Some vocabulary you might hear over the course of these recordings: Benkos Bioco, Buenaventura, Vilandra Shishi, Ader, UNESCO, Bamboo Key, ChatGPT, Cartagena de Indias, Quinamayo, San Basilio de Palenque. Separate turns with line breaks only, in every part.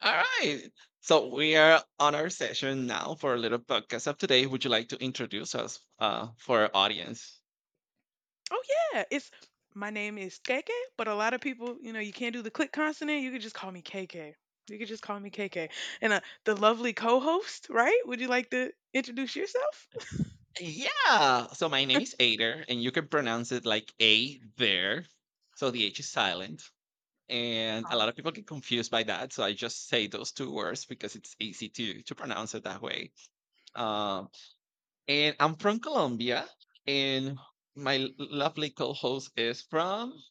All right. So we are on our session now for a little podcast of today. Would you like to introduce us for our audience?
Oh yeah, it's my name is KK, but a lot of people, you know, you can't do the click consonant. You could just call me KK. You could just call me KK. And the lovely co-host, right? Would you like to introduce yourself?
Yeah. So my name is Ader, and you can pronounce it like A there. So the H is silent. And a lot of
Uh,
people get confused by that. So I just say those two words because it's easy to pronounce it that way. Um, and I'm from Colombia, and my lovely co host is from,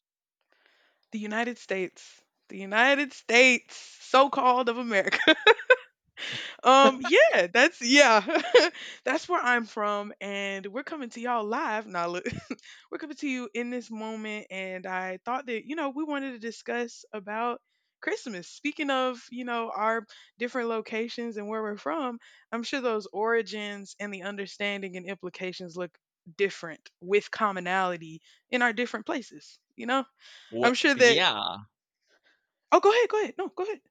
The United States, the United States, so-called of America. Yeah, that's where I'm from, and we're coming to y'all live now. Look, we're coming to you in this moment, and I thought that, you know, we wanted to discuss about Christmas. Speaking of, you know, our different locations and where we're from, I'm sure those origins and the understanding and implications look different with commonality in our different places. You know, I'm
what?
sure that.
Yeah.
Oh, go ahead, go ahead. No, go ahead.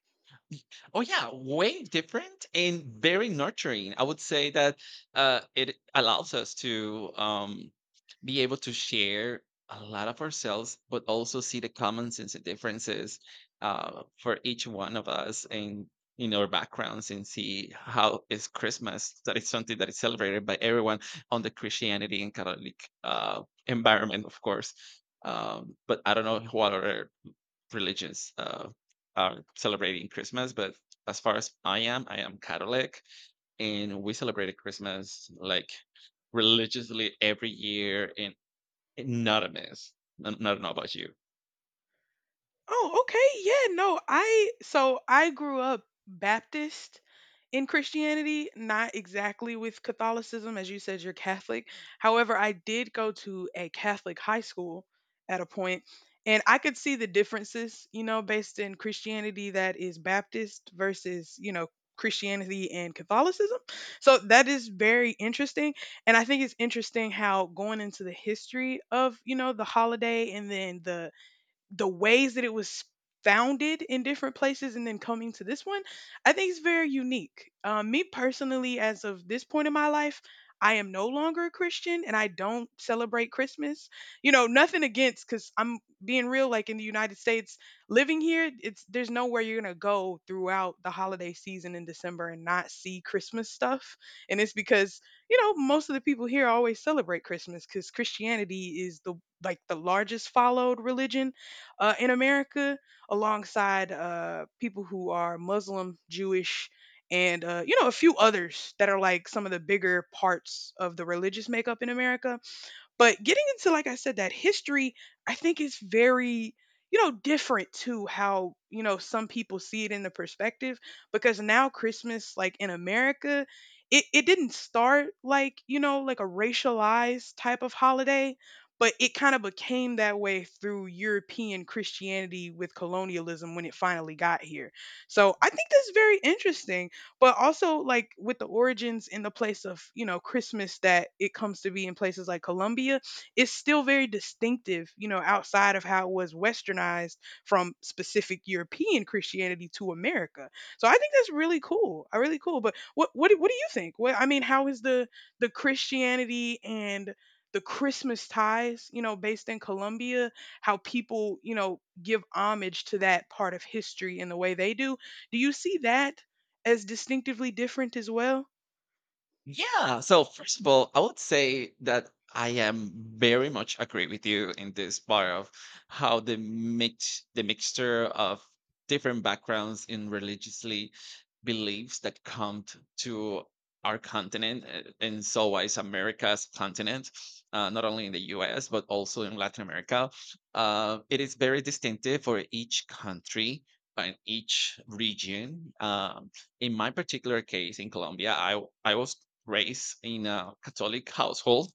Y- Oh yeah, way different and very nurturing. I would say that it allows us to be able to share a lot of ourselves, but also see the common sense and differences for each one of us and in our backgrounds and see how is Christmas that is something that is celebrated by everyone on the Christianity and Catholic environment, of course. But I don't know what other religions are celebrating Christmas, but as far as I am Catholic, and we celebrated Christmas like religiously every year, and not a miss. I don't know about you.
Oh, okay. Yeah, no. I so I grew up Baptist in Christianity, not exactly with Catholicism, as you said you're Catholic. However, I did go to a Catholic high school at a point, and I could see the differences, you know, based in Christianity that is Baptist versus, you know, Christianity and Catholicism. So that is very interesting, and I think it's interesting how going into the history of, you know, the holiday and then the ways that it was founded in different places and then coming to this one, I think it's very unique. Me personally, as of this point in my life, I am no longer a Christian and I don't celebrate Christmas. You know, nothing against, because I'm being real, like in the United States, living here, it's there's nowhere you're gonna go throughout the holiday season in December and not see Christmas stuff. And it's because, you know, most of the people here always celebrate Christmas because Christianity is the like the largest followed religion in America, alongside people who are Muslim, Jewish, and you know, a few others that are like some of the bigger parts of the religious makeup in America. But getting into, like I said, that history, I think is very, you know, different to how, you know, some people see it in the perspective, because now Christmas, like in America, it didn't start like, you know, like a racialized type of holiday, but it kind of became that way through European Christianity with colonialism when it finally got here. So I think that's very interesting, but also like with the origins in the place of, you know, Christmas that it comes to be in places like Colombia, it's still very distinctive, you know, outside of how it was westernized from specific European Christianity to America. So I think that's really cool. I really cool. But what do you think what I mean how is the Christianity and the Christmas ties, you know, based in Colombia, how people, you know, give homage to that part of history in the way they do, do you see that as distinctively different as well?
Yeah. So first of all, I would say that I am very much agree with you in this part of how the mixture of different backgrounds in religiously beliefs that come to our continent and so is America's continent, not only in the US but also in Latin America. It is very distinctive for each country and each region. In my particular case in Colombia, I was raised in a Catholic household.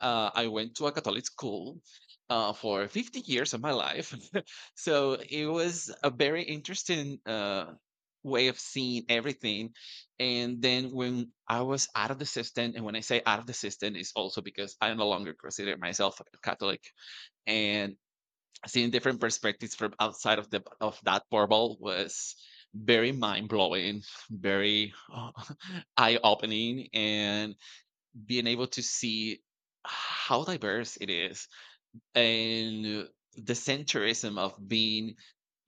I went to a Catholic school for 50 years of my life. So it was a very interesting way of seeing everything. And then when I was out of the system, and when I say out of the system, is also because I no longer consider myself a Catholic. And seeing different perspectives from outside of the of that bubble was very mind blowing, very eye opening, and being able to see how diverse it is and the centrism of being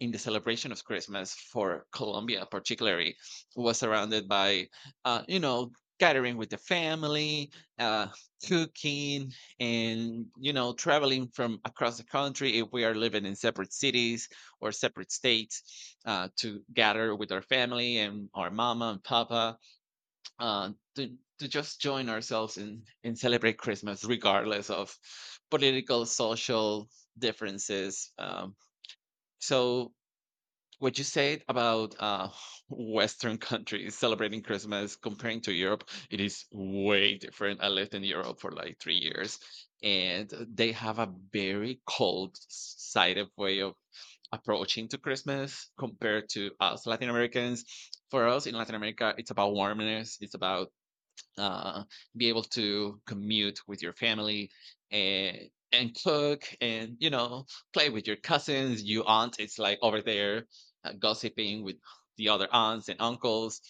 in the celebration of Christmas for Colombia, particularly, was surrounded by, you know, gathering with the family, uh, cooking, and, you know, traveling from across the country if we are living in separate cities or separate states to gather with our family and our mama and papa to just join ourselves in celebrate Christmas, regardless of political, social differences. So, what you said about Western countries celebrating Christmas comparing to Europe, it is way different. I lived in Europe for like 3 years, and they have a very cold side of way of approaching to Christmas compared to us Latin Americans. For us in Latin America, it's about warmness. It's about uh, be able to commute with your family and cook and you know play with your cousins, your aunt is like over there gossiping with the other aunts and uncles,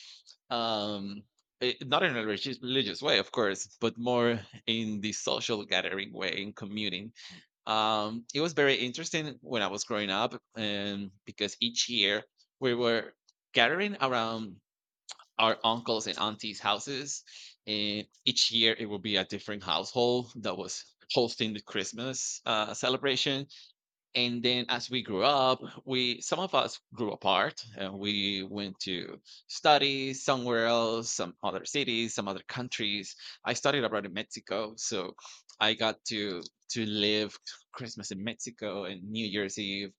um not in a religious way of course but more in the social gathering way in commuting. It was very interesting when I was growing up, and because each year we were gathering around our uncles and aunties' houses. And each year it will be a different household that was hosting the Christmas celebration. And then as we grew up, we some of us grew apart and we went to study somewhere else, some other cities, some other countries. I studied abroad in Mexico, so I got to live Christmas in Mexico and New Year's Eve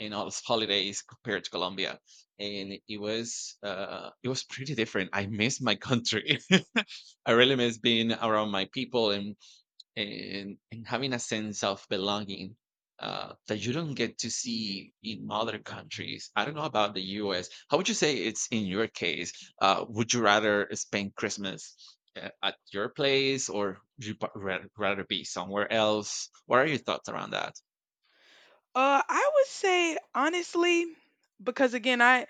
and all those holidays compared to Colombia. And it was pretty different. I miss my country. I really miss being around my people and and having a sense of belonging that you don't get to see in other countries. I don't know about the U.S. How would you say it's in your case? Would you rather spend Christmas at your place, or would you rather be somewhere else? What are your thoughts around that?
I would say honestly, because again, I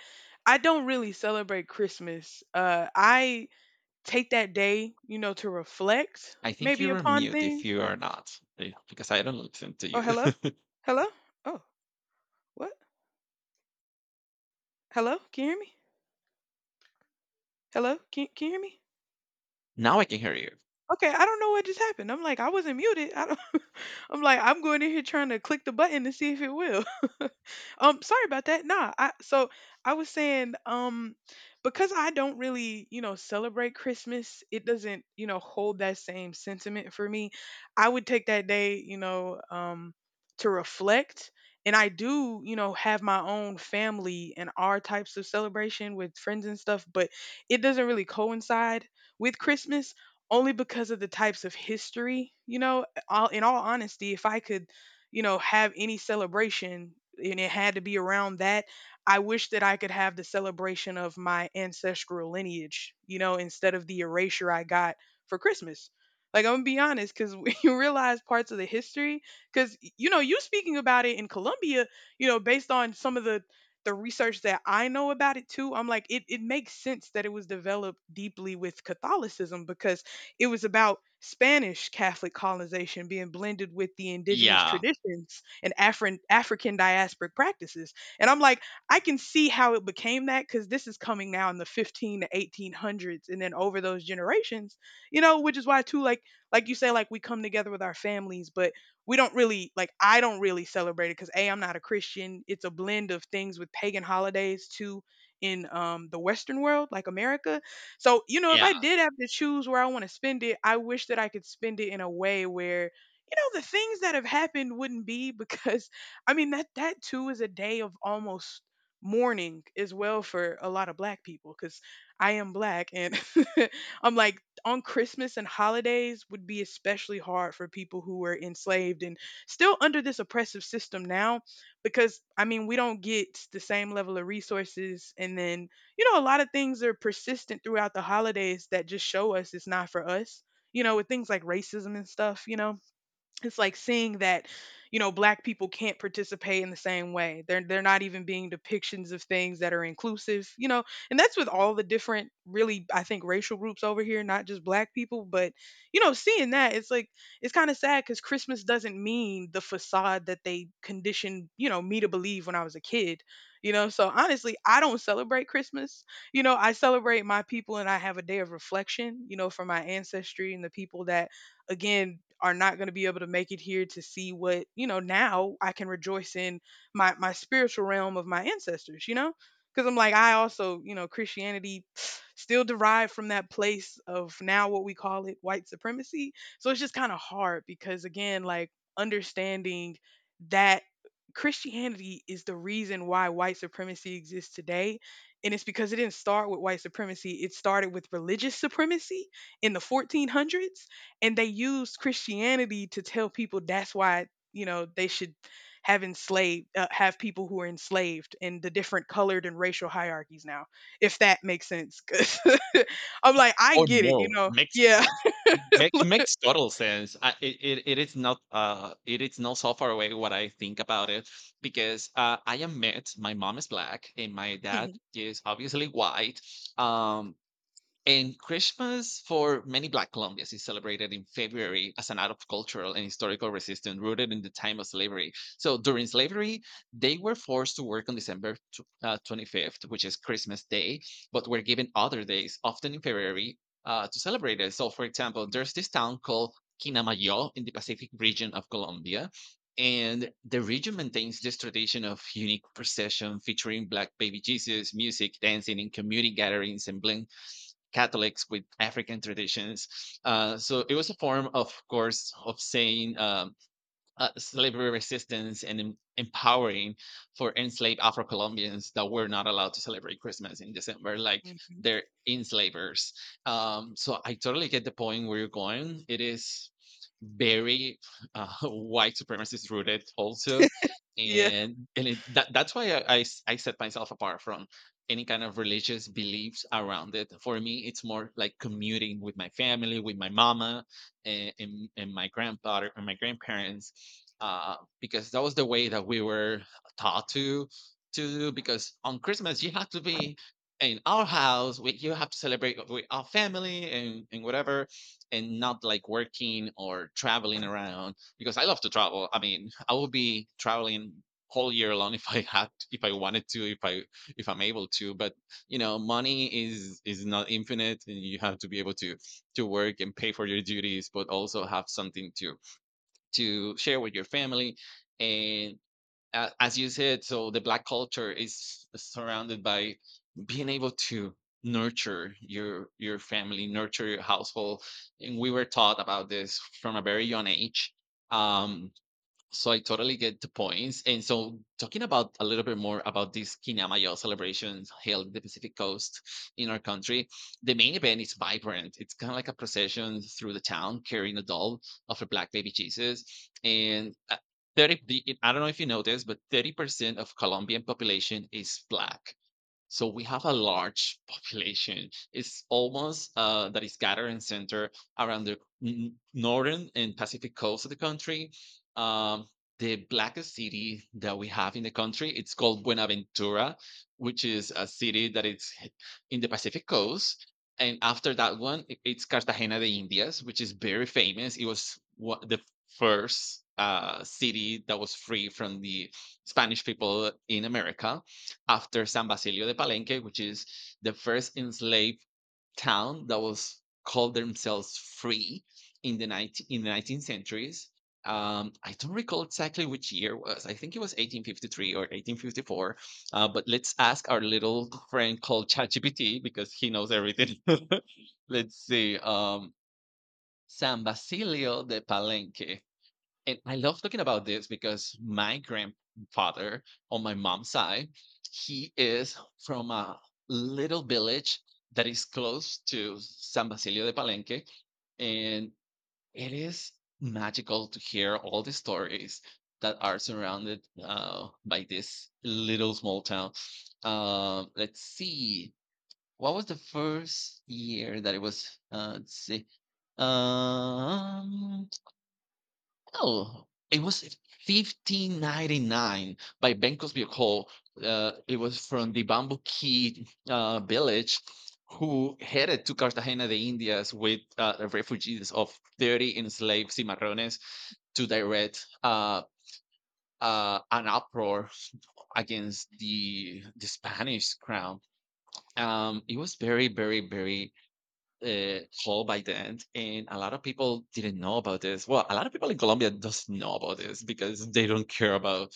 I don't really celebrate Christmas. I take that day, you know, to reflect
I think
maybe
you're on
upon
mute if
things.
you
But
are not, because I don't listen to
oh,
you.
hello, hello, oh, what? Hello, can you hear me? Hello, can you hear me?
Now I can hear you.
Okay, I don't know what just happened. I'm like, I wasn't muted. I don't I'm like, I'm going in here trying to click the button to see if it will. Sorry about that. Nah, I so I was saying, because I don't really, you know, celebrate Christmas, it doesn't, you know, hold that same sentiment for me. I would take that day, you know, to reflect. And I do, you know, have my own family and our types of celebration with friends and stuff, but it doesn't really coincide with Christmas, only because of the types of history. You know, all, in all honesty, if I could, you know, have any celebration and it had to be around that, I wish that I could have the celebration of my ancestral lineage, you know, instead of the erasure I got for Christmas. Like, I'm gonna be honest, because when you realize parts of the history, because, you know, you speaking about it in Colombia, you know, based on some of the research that I know about it too, I'm like, it makes sense that it was developed deeply with Catholicism because it was about Spanish Catholic colonization being blended with the indigenous
Yeah,
traditions and African diasporic practices. And I'm like, I can see how it became that because this is coming now in the 15 to 1800s, and then over those generations, you know, which is why, too, like you say, like we come together with our families, but we don't really like I don't really celebrate it because A, I'm not a Christian. It's a blend of things with pagan holidays too in the Western world, like America. So, you know, if
yeah.
I did have to choose where I want to spend it, I wish that I could spend it in a way where, you know, the things that have happened wouldn't be, because I mean, that that too is a day of almost mourning as well for a lot of black people, because I am black and I'm like, on Christmas and holidays, would be especially hard for people who were enslaved and still under this oppressive system now, because I mean, we don't get the same level of resources. And then, you know, a lot of things are persistent throughout the holidays that just show us it's not for us, you know, with things like racism and stuff. You know, it's like seeing that, you know, black people can't participate in the same way. They're not even being depictions of things that are inclusive, you know. And that's with all the different really I think racial groups over here, not just black people, but you know, seeing that, it's like it's kind of sad, cuz Christmas doesn't mean the facade that they conditioned, you know, me to believe when I was a kid. You know, so honestly, I don't celebrate Christmas. You know, I celebrate my people, and I have a day of reflection, you know, for my ancestry and the people that again are not going to be able to make it here to see what, you know, now I can rejoice in my spiritual realm of my ancestors, you know, because I'm like, I also, you know, Christianity still derived from that place of now what we call it white supremacy. So it's just kind of hard because again, like, understanding that Christianity is the reason why white supremacy exists today. And it's because it didn't start with white supremacy, it started with religious supremacy in the 1400s, and they used Christianity to tell people that's why, you know, they should have enslaved have people who are enslaved and the different colored and racial hierarchies now, if that makes sense, 'cause I'm like, I
Oh,
get it, you
no.
know. Yeah.
Makes total sense. I it is not so far away what I think about it because I am mixed. My mom is black and my dad
Mhm,
is obviously white. Um and Christmas for many Black Colombians is celebrated in February as an act of cultural and historical resistance rooted in the time of slavery. So during slavery, they were forced to work on December 25th, which is Christmas Day, but were given other days, often in February, to celebrate it. So, for example, there's this town called Quinamayo in the Pacific region of Colombia. And the region maintains this tradition of unique procession featuring Black baby Jesus, music, dancing, and community gatherings and blend. Catholics with African traditions. So it was a form, of course, of saying slavery resistance and empowering for enslaved Afro Colombians that were not allowed to celebrate Christmas in December, like
mhm.
they're enslavers. So I totally get the point where you're going. It is very white supremacist rooted also,
Yeah.
and that's why I set myself apart from any kind of religious beliefs around it. For me it's more like commuting with my family, with my mama and my grandfather and my grandparents, because that was the way that we were taught to do. Because on Christmas you have to be in our house, you have to celebrate with our family and whatever, and not like working or traveling around because I love to travel. I mean, I would be traveling whole year long if I had, if I wanted to, if I if I'm able to. But you know, money is not infinite, and you have to be able to work and pay for your duties, but also have something to share with your family. And as you said, so the black culture is surrounded by being able to nurture your family, nurture your household, and we were taught about this from a very young age. Um, so I totally get the points. And so talking about a little bit more about this Kinamayo celebration held in the Pacific Coast in our country, the main event is vibrant. It's kind of like a procession through the town carrying a doll of a black baby Jesus. And I don't know if you know this, but 30% of Colombian population is black. So we have a large population. It's almost that is gathered and center around the northern and Pacific coast of the country. Um, the blackest city that we have in the country, it's called Buenaventura, which is a city that it's in the Pacific coast. And after that one, it's Cartagena de Indias, which is very famous. It was the first city that was free from the Spanish people in America after San Basilio de Palenque, which is the first enslaved town that was called themselves free in the 19th centuries. I don't recall exactly which year was. I think it was 1853 or 1854. But let's ask our little friend called ChatGPT because he knows everything. Let's see. San Basilio de Palenque. And I love talking about this because my grandfather on my mom's side, he is from a little village that is close to San Basilio de Palenque. And it is magical to hear all the stories that are surrounded by this little small town. Let's see. What was the first year that it was? Let's see. Um, no, it was 1599 by Benkos Bioco. It was from the Bamboo Key village who headed to Cartagena de Indias with refugees of 30 enslaved cimarrones to direct an uproar against the Spanish crown. It was very called by then, and a lot of people didn't know about this. Well, a lot of people in Colombia doesn't know about this because they don't care about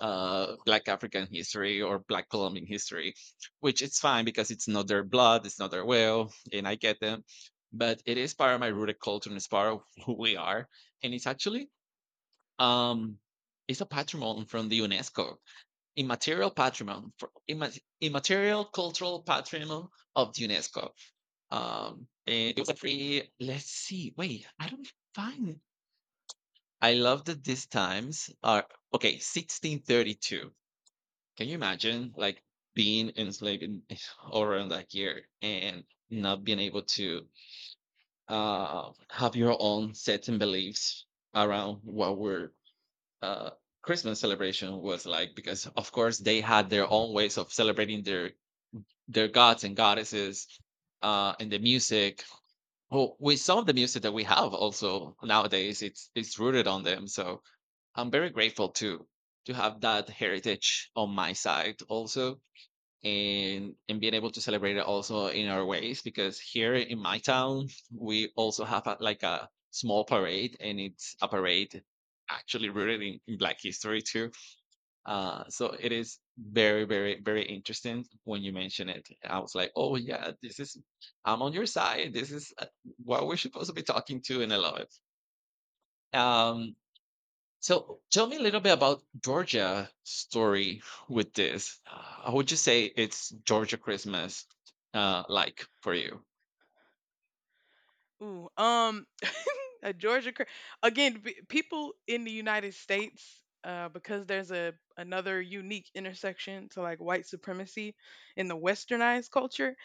Black African history or Black Colombian history, which it's fine because it's not their blood, it's not their will, and I get them. But it is part of my rooted culture and it's part of who we are, and it's actually um, it's a patrimony from the UNESCO immaterial patrimony for immaterial cultural patrimony of the UNESCO. And it was a free. Let's see. Wait, I don't find. It. I love that these times are okay. 1632. Can you imagine, like being enslaved in, all around that year and not being able to have your own certain beliefs around what were uh, Christmas celebration was like? Because of course they had their own ways of celebrating their gods and goddesses, uh, and the music. Well, with some of the music that we have also nowadays, it's rooted on them. So I'm very grateful to have that heritage on my side also, and being able to celebrate it also in our ways, because here in my town we also have a, like a small parade, and it's a parade actually rooted in black history too. So it is very interesting when you mention it. I was like, oh yeah, this is I'm on your side. This is what we're supposed to be talking to, and I love it. Um, so tell me a little bit about Georgia story with this. How would you say it's Georgia Christmas, like, for you?
Ooh, a georgia cra- again, people in the United States, because there's a another unique intersection to like white supremacy in the westernized culture.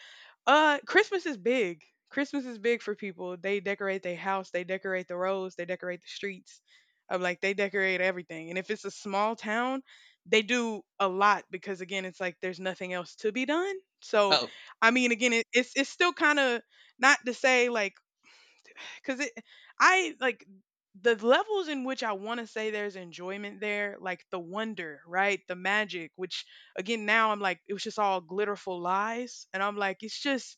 Christmas is big. Christmas is big for people. They decorate their house, they decorate the roads, they decorate the streets. I'm like, they decorate everything. And if it's a small town, they do a lot because again, it's like there's nothing else to be done. So,
Oh
I mean, again, it's it's still kind of not to say like, because it, I like the levels in which I want to say there's enjoyment there, like the wonder, right, the magic, which again now I'm like, it was just all glitterful lies, and I'm like,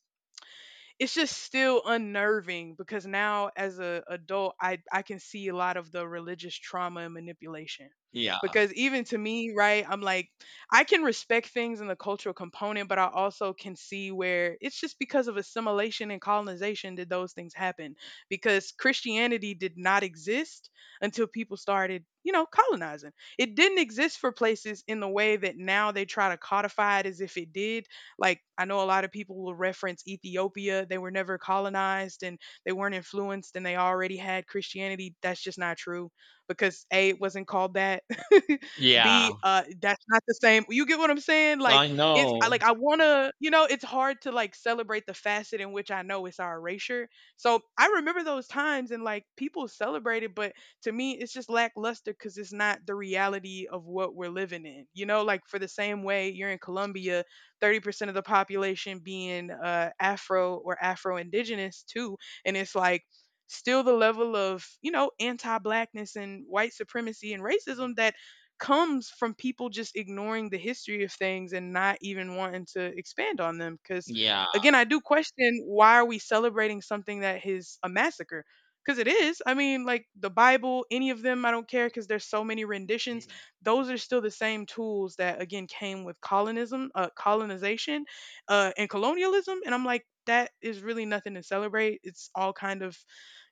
it's just still unnerving because now as a adult, I can see a lot of the religious trauma and manipulation.
yeah,
Because even to me, right, I'm like I can respect things in the cultural component, but I also can see where it's just because of assimilation and colonization that those things happen. Because Christianity did not exist until people started, you know, colonizing. It didn't exist for places in the way that now they try to codify it as if it did, like I know a lot of people will reference Ethiopia. They were never colonized, and they weren't influenced, and they already had Christianity. That's just not true, because A, it wasn't called that.
yeah,
B, that's not the same. You get what I'm saying? Like
I
it's I
know.
like I wanna, you know, it's hard to like celebrate the facet in which I know it's our erasure. So I remember those times and like people celebrate it, but to me it's just lackluster because it's not the reality of what we're living in. You know, like for the same way you're in Colombia, 30% of the population being Afro or Afro Indigenous too. And it's like, still the level of, you know, anti blackness and white supremacy and racism that comes from people just ignoring the history of things and not even wanting to expand on them. Because
Yeah,
again, I do question, why are we celebrating something that is a massacre? Because it is. I mean, like the Bible, any of them, I don't care because there's so many renditions. Those are still the same tools that again came with colonism, colonization, and colonialism. And I'm like, that is really nothing to celebrate. It's all kind of,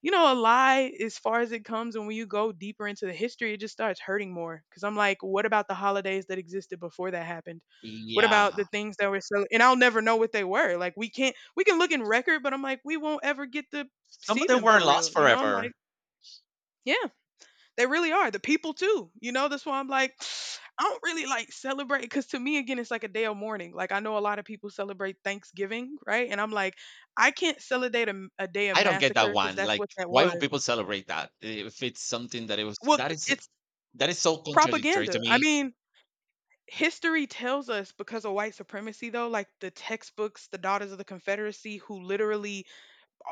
you know, a lie as far as it comes. And when you go deeper into the history, it just starts hurting more. Because I'm like, what about the holidays that existed before that happened? What about
yeah.
the things that were so? And I'll never know what they were. Like we can't, we can look in record, but I'm like, we won't ever get to
Some of
see
them
them
were
for
lost
real. You know, I'm like,
forever.
yeah. They really are. The people too. You know, that's why I'm like, I don't really like celebrate because to me again, it's like a day of mourning. Like I know a lot of people celebrate Thanksgiving, right? And I'm like, I can't celebrate a day of
I don't get that
massacre because
one.
that's
Like,
what that
why would
was.
people celebrate that if it's something that it was
Well, it's
that is so contradictory to
propaganda. I
me.
mean, history tells us, because of white supremacy, though, like the textbooks, the Daughters of the Confederacy, who literally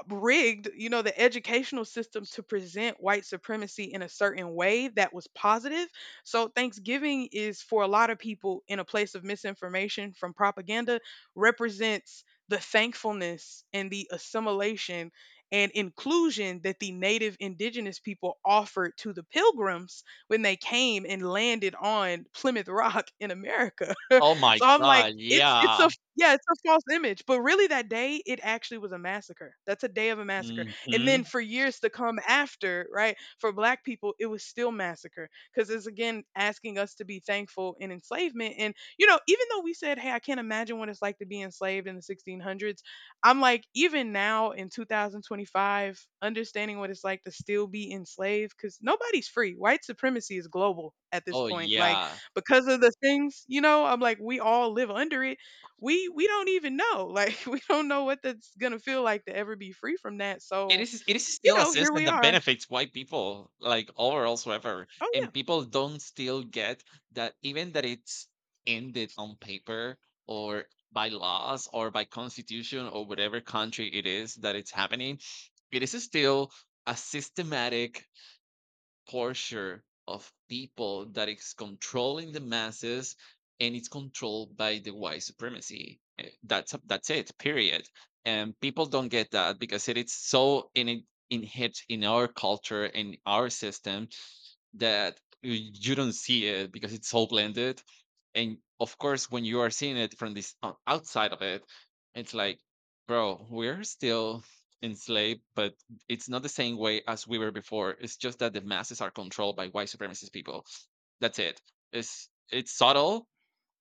rigged, you know, the educational system to present white supremacy in a certain way that was positive. So Thanksgiving is for a lot of people in a place of misinformation from propaganda, represents the thankfulness and the assimilation and inclusion that the native indigenous people offered to the pilgrims when they came and landed on Plymouth Rock in America.
Oh my
So I'm
god,
like, it's a
yeah.
yeah, it's a false image. But really that day it actually was a massacre. That's a day of a massacre. And then
Hmm.
for years to come after, right, for black people, it was still massacre. Because it's again asking us to be thankful in enslavement. And you know, even though we said, hey, I can't imagine what it's like to be enslaved in the 1600s, I'm like, even now in 2025, understanding what it's like to still be enslaved, because nobody's free. White supremacy is global at this
Oh
point. Like
yeah.
because of the things, you know, I'm like, we all live under it. We don't even know. Like we don't know what that's going to feel like to ever be free from that.
It
So,
is, it is
you
still a
know, here
system
we
that
are.
benefits white people, like, overall whatsoever.
Oh yeah.
And people don't still get that, even that it's ended on paper, or by laws, or by constitution, or whatever country it is that it's happening, it is still a systematic torture of people that is controlling the masses, and it's controlled by the white supremacy. Eh, that's it. Period. And people don't get that because it is so in inherent in our culture and our system that you don't see it because it's all blended. And of course, when you are seeing it from this outside of it, it's like, bro, we're still enslaved, but it's not the same way as we were before. It's just that the masses are controlled by white supremacist people. That's it. It's subtle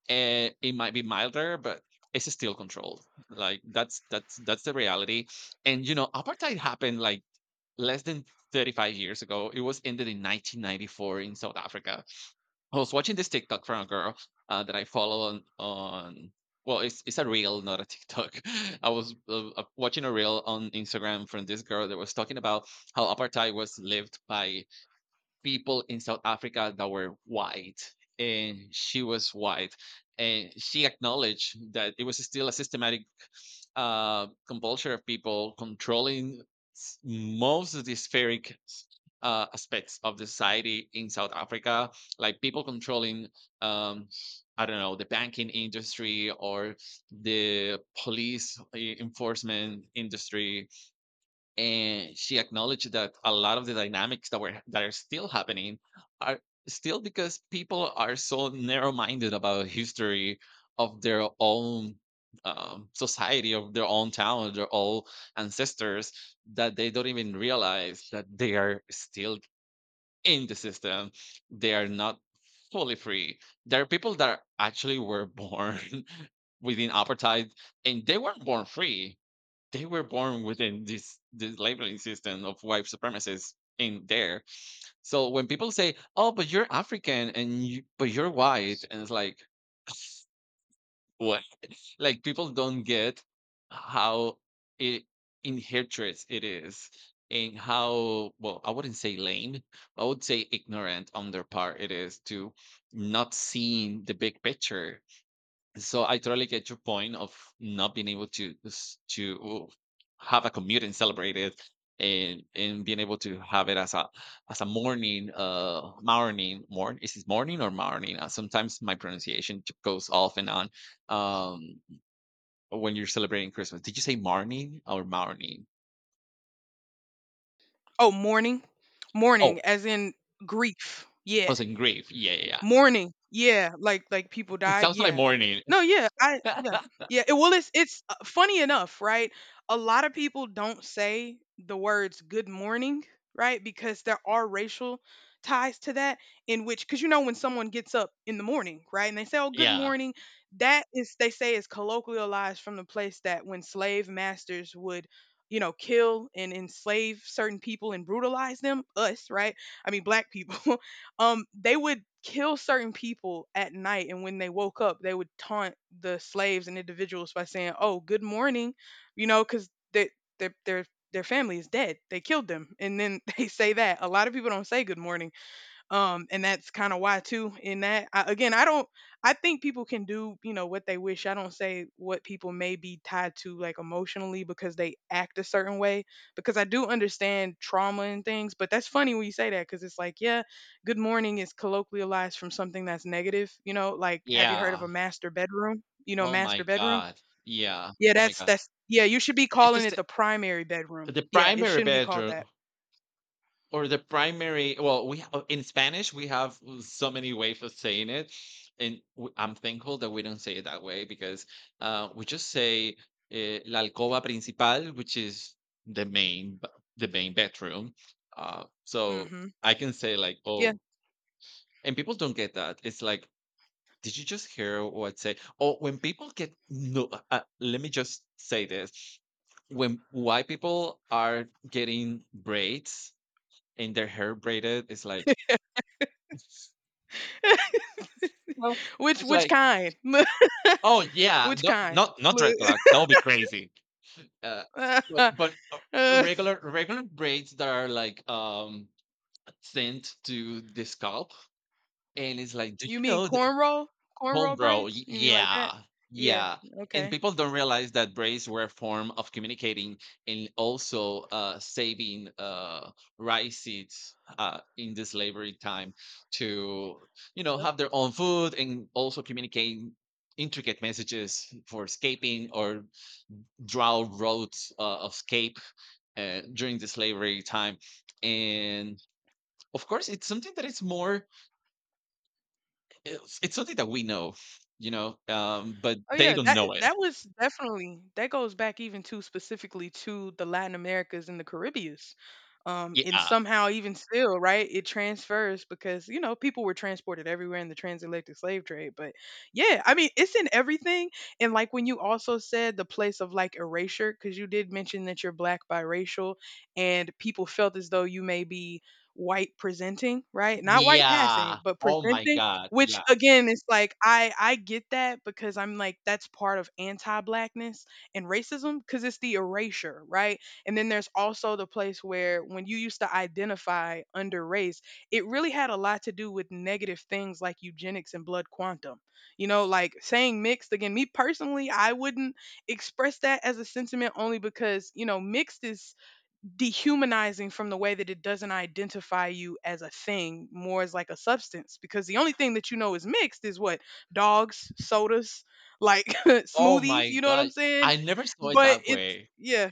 and it might be milder, but it's still controlled. Like, that's, that's the reality. And you know, apartheid happened like less than 35 years ago. It was ended in 1994 in South Africa. I was watching this TikTok from a girl, that I follow on. Well, it's a reel, not a TikTok. I was watching a reel on Instagram from this girl that was talking about how apartheid was lived by people in South Africa that were white, and she was white, and she acknowledged that it was still a systematic compulsion of people controlling most of the spheric aspects of the society in South Africa, like people controlling, um, I don't know, the banking industry, or the police enforcement industry. And she acknowledged that a lot of the dynamics that are still happening are still because people are so narrow-minded about history of their own, society, of their own town, their own ancestors, that they don't even realize that they are still in the system. They are not fully free. There are people that actually were born within apartheid, and they weren't born free. They were born within this labeling system of white supremacists in there. So when people say, "Oh, but you're African and you, but you're white," and it's like, what? Like, people don't get how it inherent it is, and how, well, I wouldn't say lame, I would say ignorant on their part it is, to not seeing the big picture. So I totally get your point of not being able to to have a commute and celebrate it, and being able to have it as a, morning, uh, morning, morning, is it morning or morning? Sometimes my pronunciation goes off and on. Um, when you're celebrating Christmas, did you say morning or morning?
Oh, mourning. Mourning
Oh,
as in grief.
I
Yeah.
was in grief. Yeah, yeah, yeah.
Mourning. Yeah, like people
It
died.
sounds like
Yeah.
morning.
No, yeah, I yeah. Yeah, it, well it's funny enough, right? A lot of people don't say the words good morning, right? Because there are racial ties to that, in which cuz you know when someone gets up in the morning, right? And they say, "Oh, good
Yeah.
morning." That is, they say, is colloquialized from the place that when slave masters would, you know, kill and enslave certain people and brutalize them, us, right? I mean, black people. They would kill certain people at night, and when they woke up they would taunt the slaves and individuals by saying, oh, good morning, you know, because they their their their family is dead, they killed them. And then they say that a lot of people don't say good morning, and that's kind of why too, in that again, I don't, I think people can do, you know, what they wish. I don't say what people may be tied to, like emotionally, because they act a certain way, because I do understand trauma and things. But that's funny when you say that because it's like, yeah, good morning is colloquialized from something that's negative, you know. Like, have you heard of
Yeah.
a master bedroom? You know,
Oh my
master bedroom.
God. Yeah.
Yeah,
Oh my
that's
God.
that's yeah, you should be
It's
calling
just
it
the,
the primary bedroom. Yeah, it
primary
shouldn't be called
bedroom.
that.
Or the primary, well, we in Spanish, we have so many ways of saying it, and I'm thankful that we don't say it that way, because we just say la alcoba principal, which is the main the main bedroom. So
Hmm.
I can say, like,
Yeah,
oh, and people don't get that, it's like, did you just hear what I say? Oh, when people get, no, let me just say this. When white people are getting braids and their hair braided, is like, well,
which
it's
which
like,
kind.
oh yeah,
Which
no,
kind?
not
Look.
dreadlocks, that would be crazy, uh but
Uh,
regular braids that are like, um, sent to the scalp, and it's like, did
you
you
mean
know that?
cornrow? Cornrow
Homebrew,
braids?
y
You mean like that?
yeah,
Yeah.
yeah, and
Okay.
people don't realize that braids were a form of communicating, and also, saving, rice seeds, in the slavery time, to, you know,
Yep.
have their own food, and also communicating intricate messages for escaping, or draw roads, of escape, during the slavery time, and, of course, it's something that is more, it's something that we know, you know, but
Oh
they
yeah,
don't
that
know it.
that was definitely, that goes back even to specifically to the Latin Americas and the Caribbeans. And
Yeah.
somehow even still, right, it transfers because you know people were transported everywhere in the transatlantic slave trade. But yeah, I mean it's in everything. And like when you also said the place of like erasure, because you did mention that you're black biracial, and people felt as though you may be white presenting, right? Not white passing,
Yeah.
but
Oh my
presenting,
god,
which
yeah.
again is like, I get that because I'm like that's part of anti-blackness and racism because it's the erasure, right? And then there's also the place where when you used to identify under race, it really had a lot to do with negative things like eugenics and blood quantum. You know, like saying mixed, again, me personally, I wouldn't express that as a sentiment only because, you know, mixed is dehumanizing from the way that it doesn't identify you as a thing, more as like a substance. Because the only thing that you know is mixed is what, dogs, sodas, like
Oh
smoothies.
my
You know what
god.
I'm saying?
I never saw it
But
that
it's,
way.
yeah,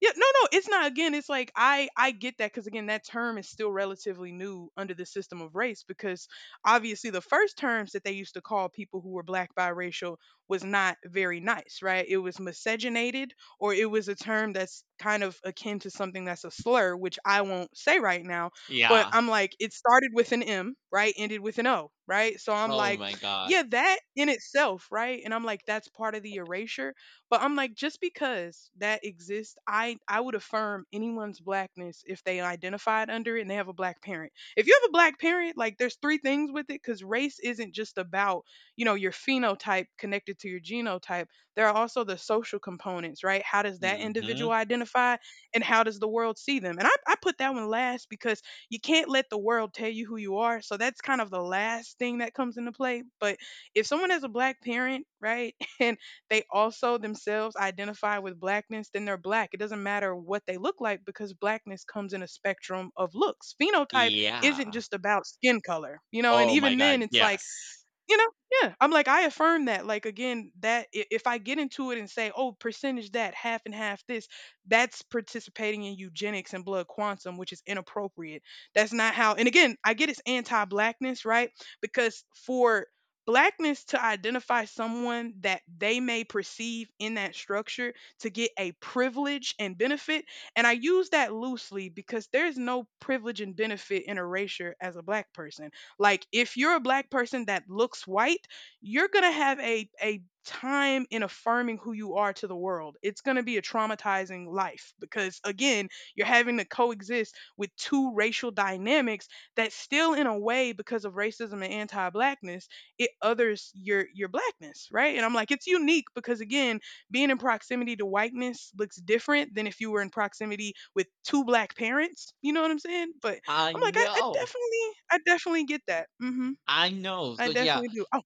yeah, no, no, it's not. Again, it's like I get that because again, that term is still relatively new under the system of race, because obviously the first terms that they used to call people who were black biracial was not very nice, right? It was miscegenated, or it was a term that's kind of akin to something that's a slur, which I won't say right now. But
Yeah.
I'm like, it started with an M, right? Ended with an O, right? So I'm
Oh
like,
my god.
yeah, that in itself, right? And I'm like, that's part of the erasure. But I'm like, just because that exists, I would affirm anyone's blackness if they identified under it and they have a black parent. If you have a black parent, like there's three things with it because race isn't just about, you know, your phenotype connected to your genotype. There are also the social components, right? How does that
Mhm.
individual identify, and how does the world see them? And I put that one last because you can't let the world tell you who you are. So that's kind of the last thing that comes into play. But if someone has a black parent, right, and they also themselves identify with blackness, then they're black. It doesn't matter what they look like because blackness comes in a spectrum of looks. Phenotype isn't
Yeah.
just about skin color, you know, and
Oh my
even then
god,
it's like,
yes.
you know? Yeah. I'm like, I affirm that. Like again, that, I- if I get into it and say, oh, percentage that, half and half this, that's participating in eugenics and blood quantum, which is inappropriate. That's not how. And again, I get it's anti-blackness, right? Because for blackness to identify someone that they may perceive in that structure to get a privilege and benefit. And I use that loosely because there's no privilege and benefit in erasure as a black person. Like if you're a black person that looks white, you're going to have a time in affirming who you are to the world. It's going to be a traumatizing life because again, you're having to coexist with two racial dynamics that still in a way, because of racism and anti-blackness, it others your blackness, right? And I'm like, it's unique because again, being in proximity to whiteness looks different than if you were in proximity with two black parents. You know what I'm saying? But
I
I'm like, I
know.
definitely, I definitely get that. Hmm.
I know.
I
So, yeah.
definitely do. Oh,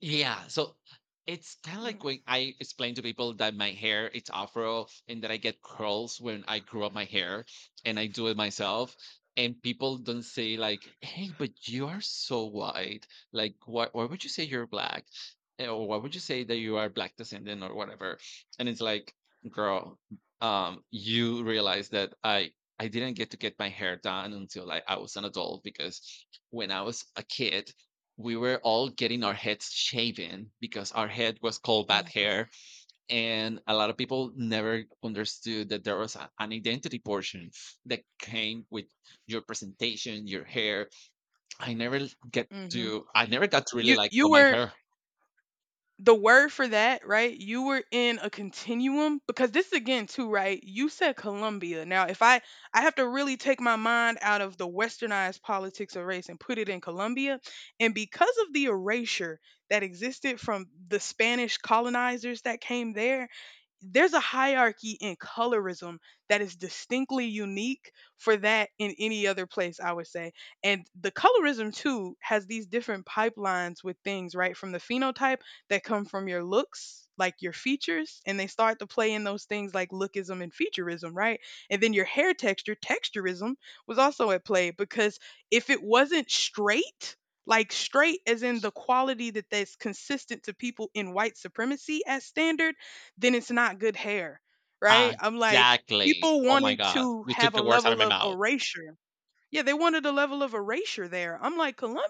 Yeah, so it's kind of like when I explain to people that my hair, it's afro, and that I get curls when I grow up my hair, and I do it myself. And people don't say, like, "Hey, but you are so white. Like, why? Why would you say you're black? Eh, or why would you say that you are black descendant or whatever?" And it's like, girl, you realize that I didn't get to get my hair done until, like, I was an adult. Because when I was a kid, we were all getting our heads shaven because our head was called bad
mm-hmm,
hair. And a lot of people never understood that there was an identity portion that came with your presentation, your hair. I never
hmm.
I never got to really,
You,
like, oh,
you
my
were,
hair.
the word for that, right? You were in a continuum because this again too, right? You said Colombia. Now, if I have to really take my mind out of the westernized politics of race and put it in Colombia, and because of the erasure that existed from the Spanish colonizers that came there, there's a hierarchy in colorism that is distinctly unique for that in any other place, I would say. And the colorism too has these different pipelines with things, right, from the phenotype that come from your looks, like your features, and they start to play in those things like lookism and featureism, right? And then your hair texture, texturism, was also at play because if it wasn't straight, like straight as in the quality that that's consistent to people in white supremacy as standard, then it's not good hair,
Ah,
right? I'm like,
exactly.
people
Oh my
wanted
God.
to
You took
have a
the words out of
level
my
of
mouth.
erasure, yeah, they wanted a level of erasure there. I'm like, Columbia,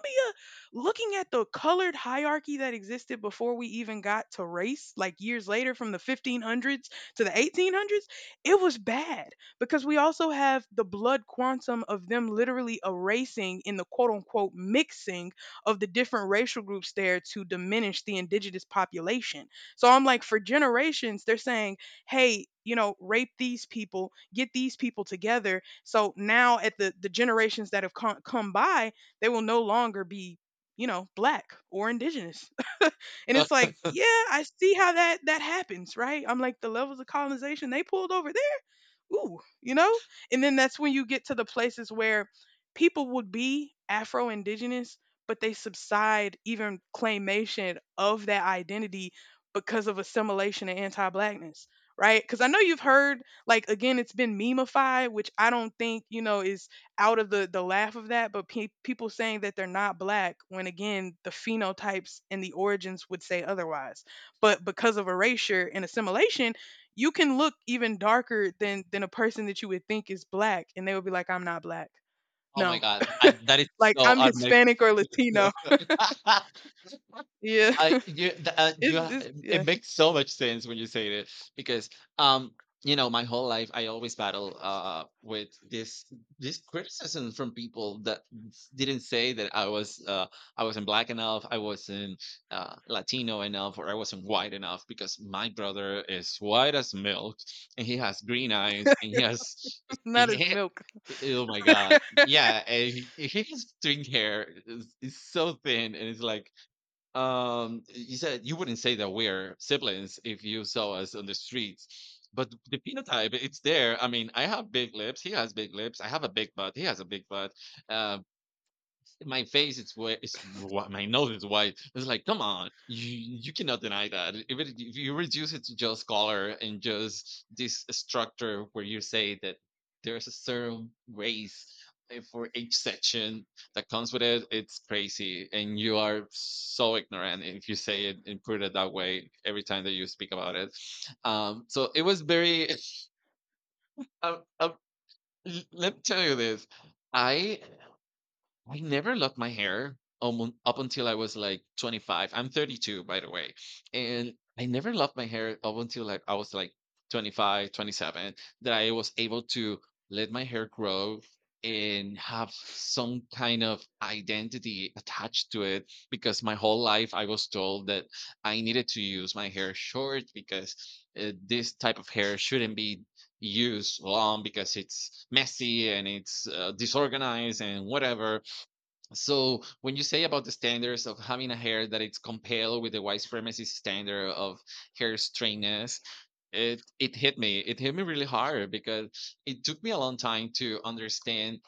looking at the colored hierarchy that existed before we even got to race, like years later from the 1500s to the 1800s, it was bad because we also have the blood quantum of them literally erasing in the quote unquote mixing of the different racial groups there to diminish the indigenous population. So I'm like, for generations, they're saying, hey, rape these people, get these people together so now at the generations that have come by, they will no longer be, black or indigenous. And it's like, yeah, I see how that happens, right? I'm like the levels of colonization they pulled over, ooh, you know? And then that's when you get to the places where people would be Afro Indigenous, but they subside even claimation of that identity because of assimilation and anti blackness, right? Because I know you've heard, like, again, it's been memeified, which I don't think, you know, is out of the laugh of that, but people saying that they're not black when, again, the phenotypes and the origins would say otherwise. But because of erasure and assimilation, you can look even darker than a person that you would think is black and they would be like, I'm not black.
Oh my
No,
God. I, that is
like
so
I'm
unmixed.
Hispanic or Latino. Yeah.
I you the, you
it's, it's
it
yeah.
makes so much sense when you say this, because, um, you know, my whole life I always battle, uh, with this criticism from people that didn't say that I was, I wasn't black enough, I wasn't, Latino enough, or I wasn't white enough, because my brother is white as milk, and he has green eyes, and
Not as
he,
milk.
oh my god, yeah. And he has string hair, is, it's so thin, and it's like, you said you wouldn't say that we're siblings if you saw us on the streets, but the phenotype, it's there. I mean, I have big lips. He has big lips. I have a big butt. He has a big butt. Uh, my face is white. My nose is white. It's like, come on, you cannot deny that. If, it, if you reduce it to just color and just this structure where you say that there's a certain race, eh, for each section that comes with it, it's crazy, and you are so ignorant if you say it and put it that way every time that you speak about it. So it was very. Uh, uh, Let me tell you this. I I never loved my hair almost up until I was like 25. I'm 32, by the way. And I never loved my hair up until, like, I was like 25, 27, that I was able to let my hair grow and have some kind of identity attached to it, because my whole life I was told that I needed to use my hair short, because, this type of hair shouldn't be used long, because it's messy and it's, disorganized and whatever. So when you say about the standards of having a hair that it's compared with the white supremacist standard of hair straightness, it hit me. It hit me really hard, because it took me a long time to understand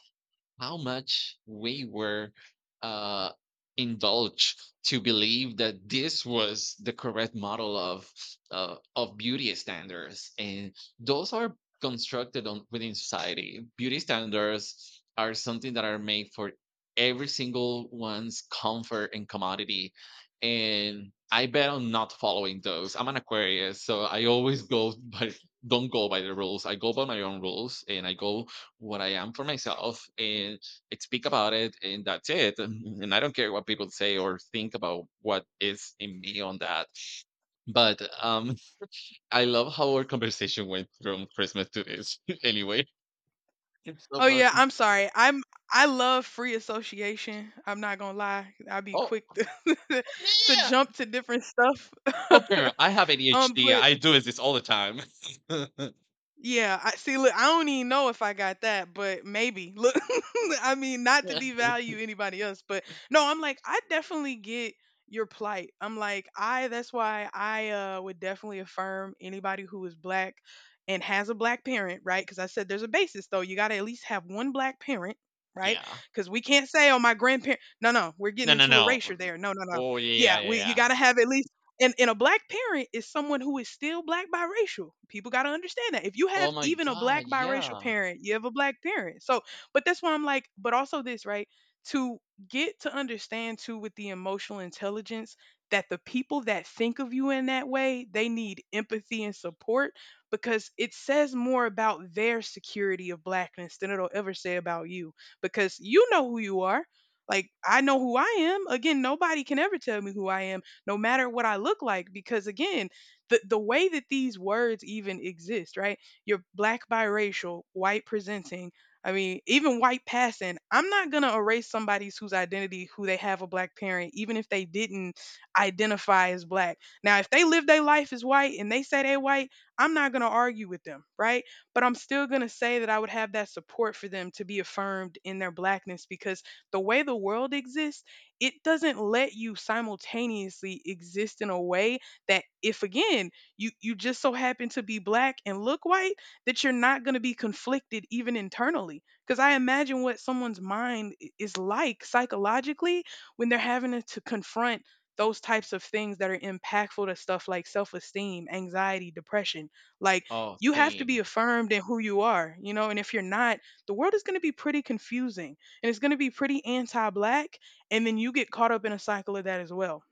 how much we were, uh, indulged to believe that this was the correct model of, of beauty standards, and those are constructed on within society. Beauty standards are something that are made for every single one's comfort and commodity, and I bet on not following those. I'm an Aquarius, so I always go by, don't go by the rules. I go by my own rules, and I go what I am for myself, and I speak about it, and that's it. And I don't care what people say or think about what is in me on that. But, um, I love how our conversation went from Christmas to this. Anyway. It's so
Oh yeah,
funny.
I'm sorry, I'm, I love free association, I'm not gonna lie, I'll be
Oh
quick to, to
yeah.
jump to different stuff.
Okay, I have
um
ADHD.
but
I do this all the time.
yeah, I see. Look, I don't even know if I got that, but maybe. Look, I mean, not to
Yeah.
devalue anybody else, but no, I'm like, I definitely get your plight. I'm like, I. That's why I would definitely affirm anybody who is black and has a black parent, right? Because I said there's a basis, though. You got to at least have one black parent. Right,
Yeah.
because we can't say, "Oh, my grandparent." No, no, we're
No,
getting
no,
into
no.
erasure there. No, no, no.
Oh yeah,
Yeah,
yeah,
we, you
yeah.
got to have at least, and a black parent is someone who is still black biracial. People got to understand that. If you
Oh
have
my
even a
god,
black biracial
yeah.
parent, you have a black parent. So, but that's why I'm like, but also this, right? To get to understand too with the emotional intelligence that the people that think of you in that way, they need empathy and support because it says more about their security of blackness than it'll ever say about you because you know who you are. Like I know who I am. Again, nobody can ever tell me who I am no matter what I look like because again the way that these words even exist, right? You're black biracial white presenting. I mean, even white passing, I'm not going to erase somebody's whose identity, who they have a black parent, even if they didn't identify as black. Now, if they live their life as white and they say they white, I'm not going to argue with them, right? But I'm still going to say that I would have that support for them to be affirmed in their blackness because the way the world exists, it doesn't let you simultaneously exist in a way that if again you just so happen to be black and look white, that you're not going to be conflicted even internally because I imagine what someone's mind is like psychologically when they're having to confront those types of things that are impactful to stuff like self-esteem, anxiety, depression. Like,
Oh,
you have to be
same.
affirmed in who you are, you know, and if you're not, the world is going to be pretty confusing and it's going to be pretty anti-black, and then you get caught up in a cycle of that as well.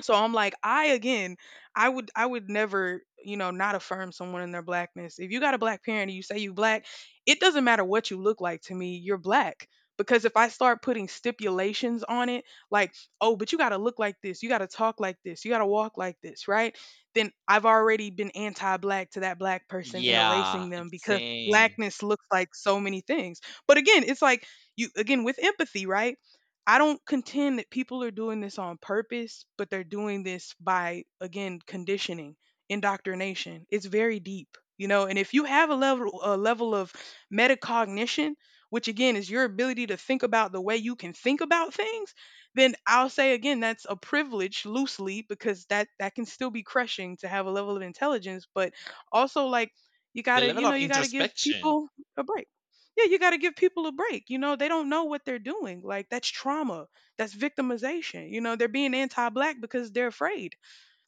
So I'm like, I would never, you know, not affirm someone in their blackness. If you got a black parent and you say you black, it doesn't matter what you look like to me, you're black. Because if I start putting stipulations on it like, oh, but you got to look like this, you got to talk like this, you got to walk like this, right? Then I've already been anti-black to that black person and
Yeah,
erasing them
it's
because
same.
blackness looks like so many things. But again, it's like, you, again, with empathy, right? I don't contend that people are doing this on purpose, but they're doing this by, again, conditioning, indoctrination. It's very deep, you know. And if you have a level of metacognition, which again is your ability to think about the way you can think about things, then I'll say again that's a privilege loosely because that can still be crushing to have a level of intelligence, but also like you
The
gotta,
level
you know,
of
you gotta give
introspection,
people a break. Yeah, you got to give people a break. You know, they don't know what they're doing. Like that's trauma. That's victimization. You know, they're being anti-black because they're afraid.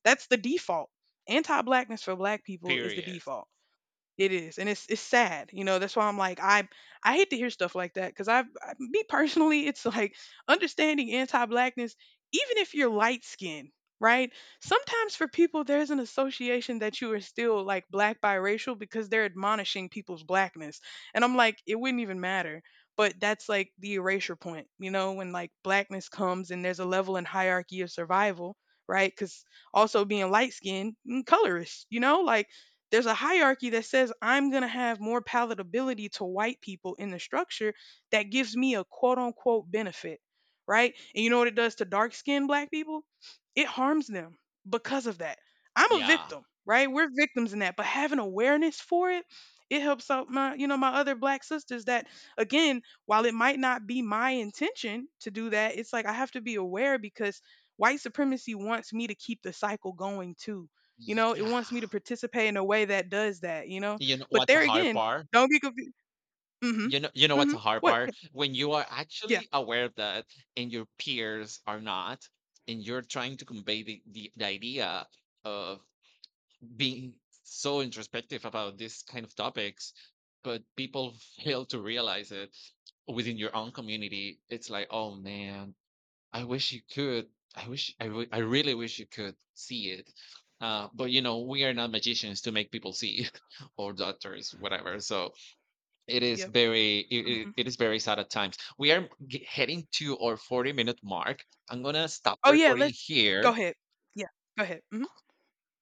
That's the default. Anti-blackness for black people is the
period.
default. It is, and it's sad, you know. That's why I'm like, I hate to hear stuff like that because I, me personally, it's like understanding anti-blackness, even if you're light skinned, right? Sometimes for people, there's an association that you are still like black biracial because they're admonishing people's blackness, and I'm like it wouldn't even matter. But that's like the erasure point, you know, when like blackness comes and there's a level and hierarchy of survival, right? Because also being light skinned, colorist, you know, like there's a hierarchy that says I'm going to have more palatability to white people in the structure that gives me a quote unquote benefit, right? And you know what it does to dark skinned black people? It harms them because of that. I'm a
Yeah.
victim, right? We're victims in that, but having awareness for it, it helps out my, you know, my other black sisters that again, while it might not be my intention to do that, it's like I have to be aware because white supremacy wants me to keep the cycle going too. You know, it
Yeah.
wants me to participate in a way that does that, you know?
You know
But
what's a
there
hard
again,
part?
don't be confused. Mm. Mhm.
You know
Mm.
what's
Mhm.
a hard
What?
part? When you are
Yeah.
actually aware of that, and your peers are not, and you're trying to convey the, the idea of being so introspective about this kind of topics, but people fail to realize it within your own community. It's like, oh man, I wish you could. I wish I really wish you could see it. But you know, we are not magicians to make people see it, or doctors, whatever. So it is
Yeah. Yep.
very, it,
Mhm.
it is very sad at times. We are heading to our 40-minute minute mark. I'm gonna stop the
Oh, yeah.
recording
Let's go
here.
ahead. Yeah. Go ahead. Mhm.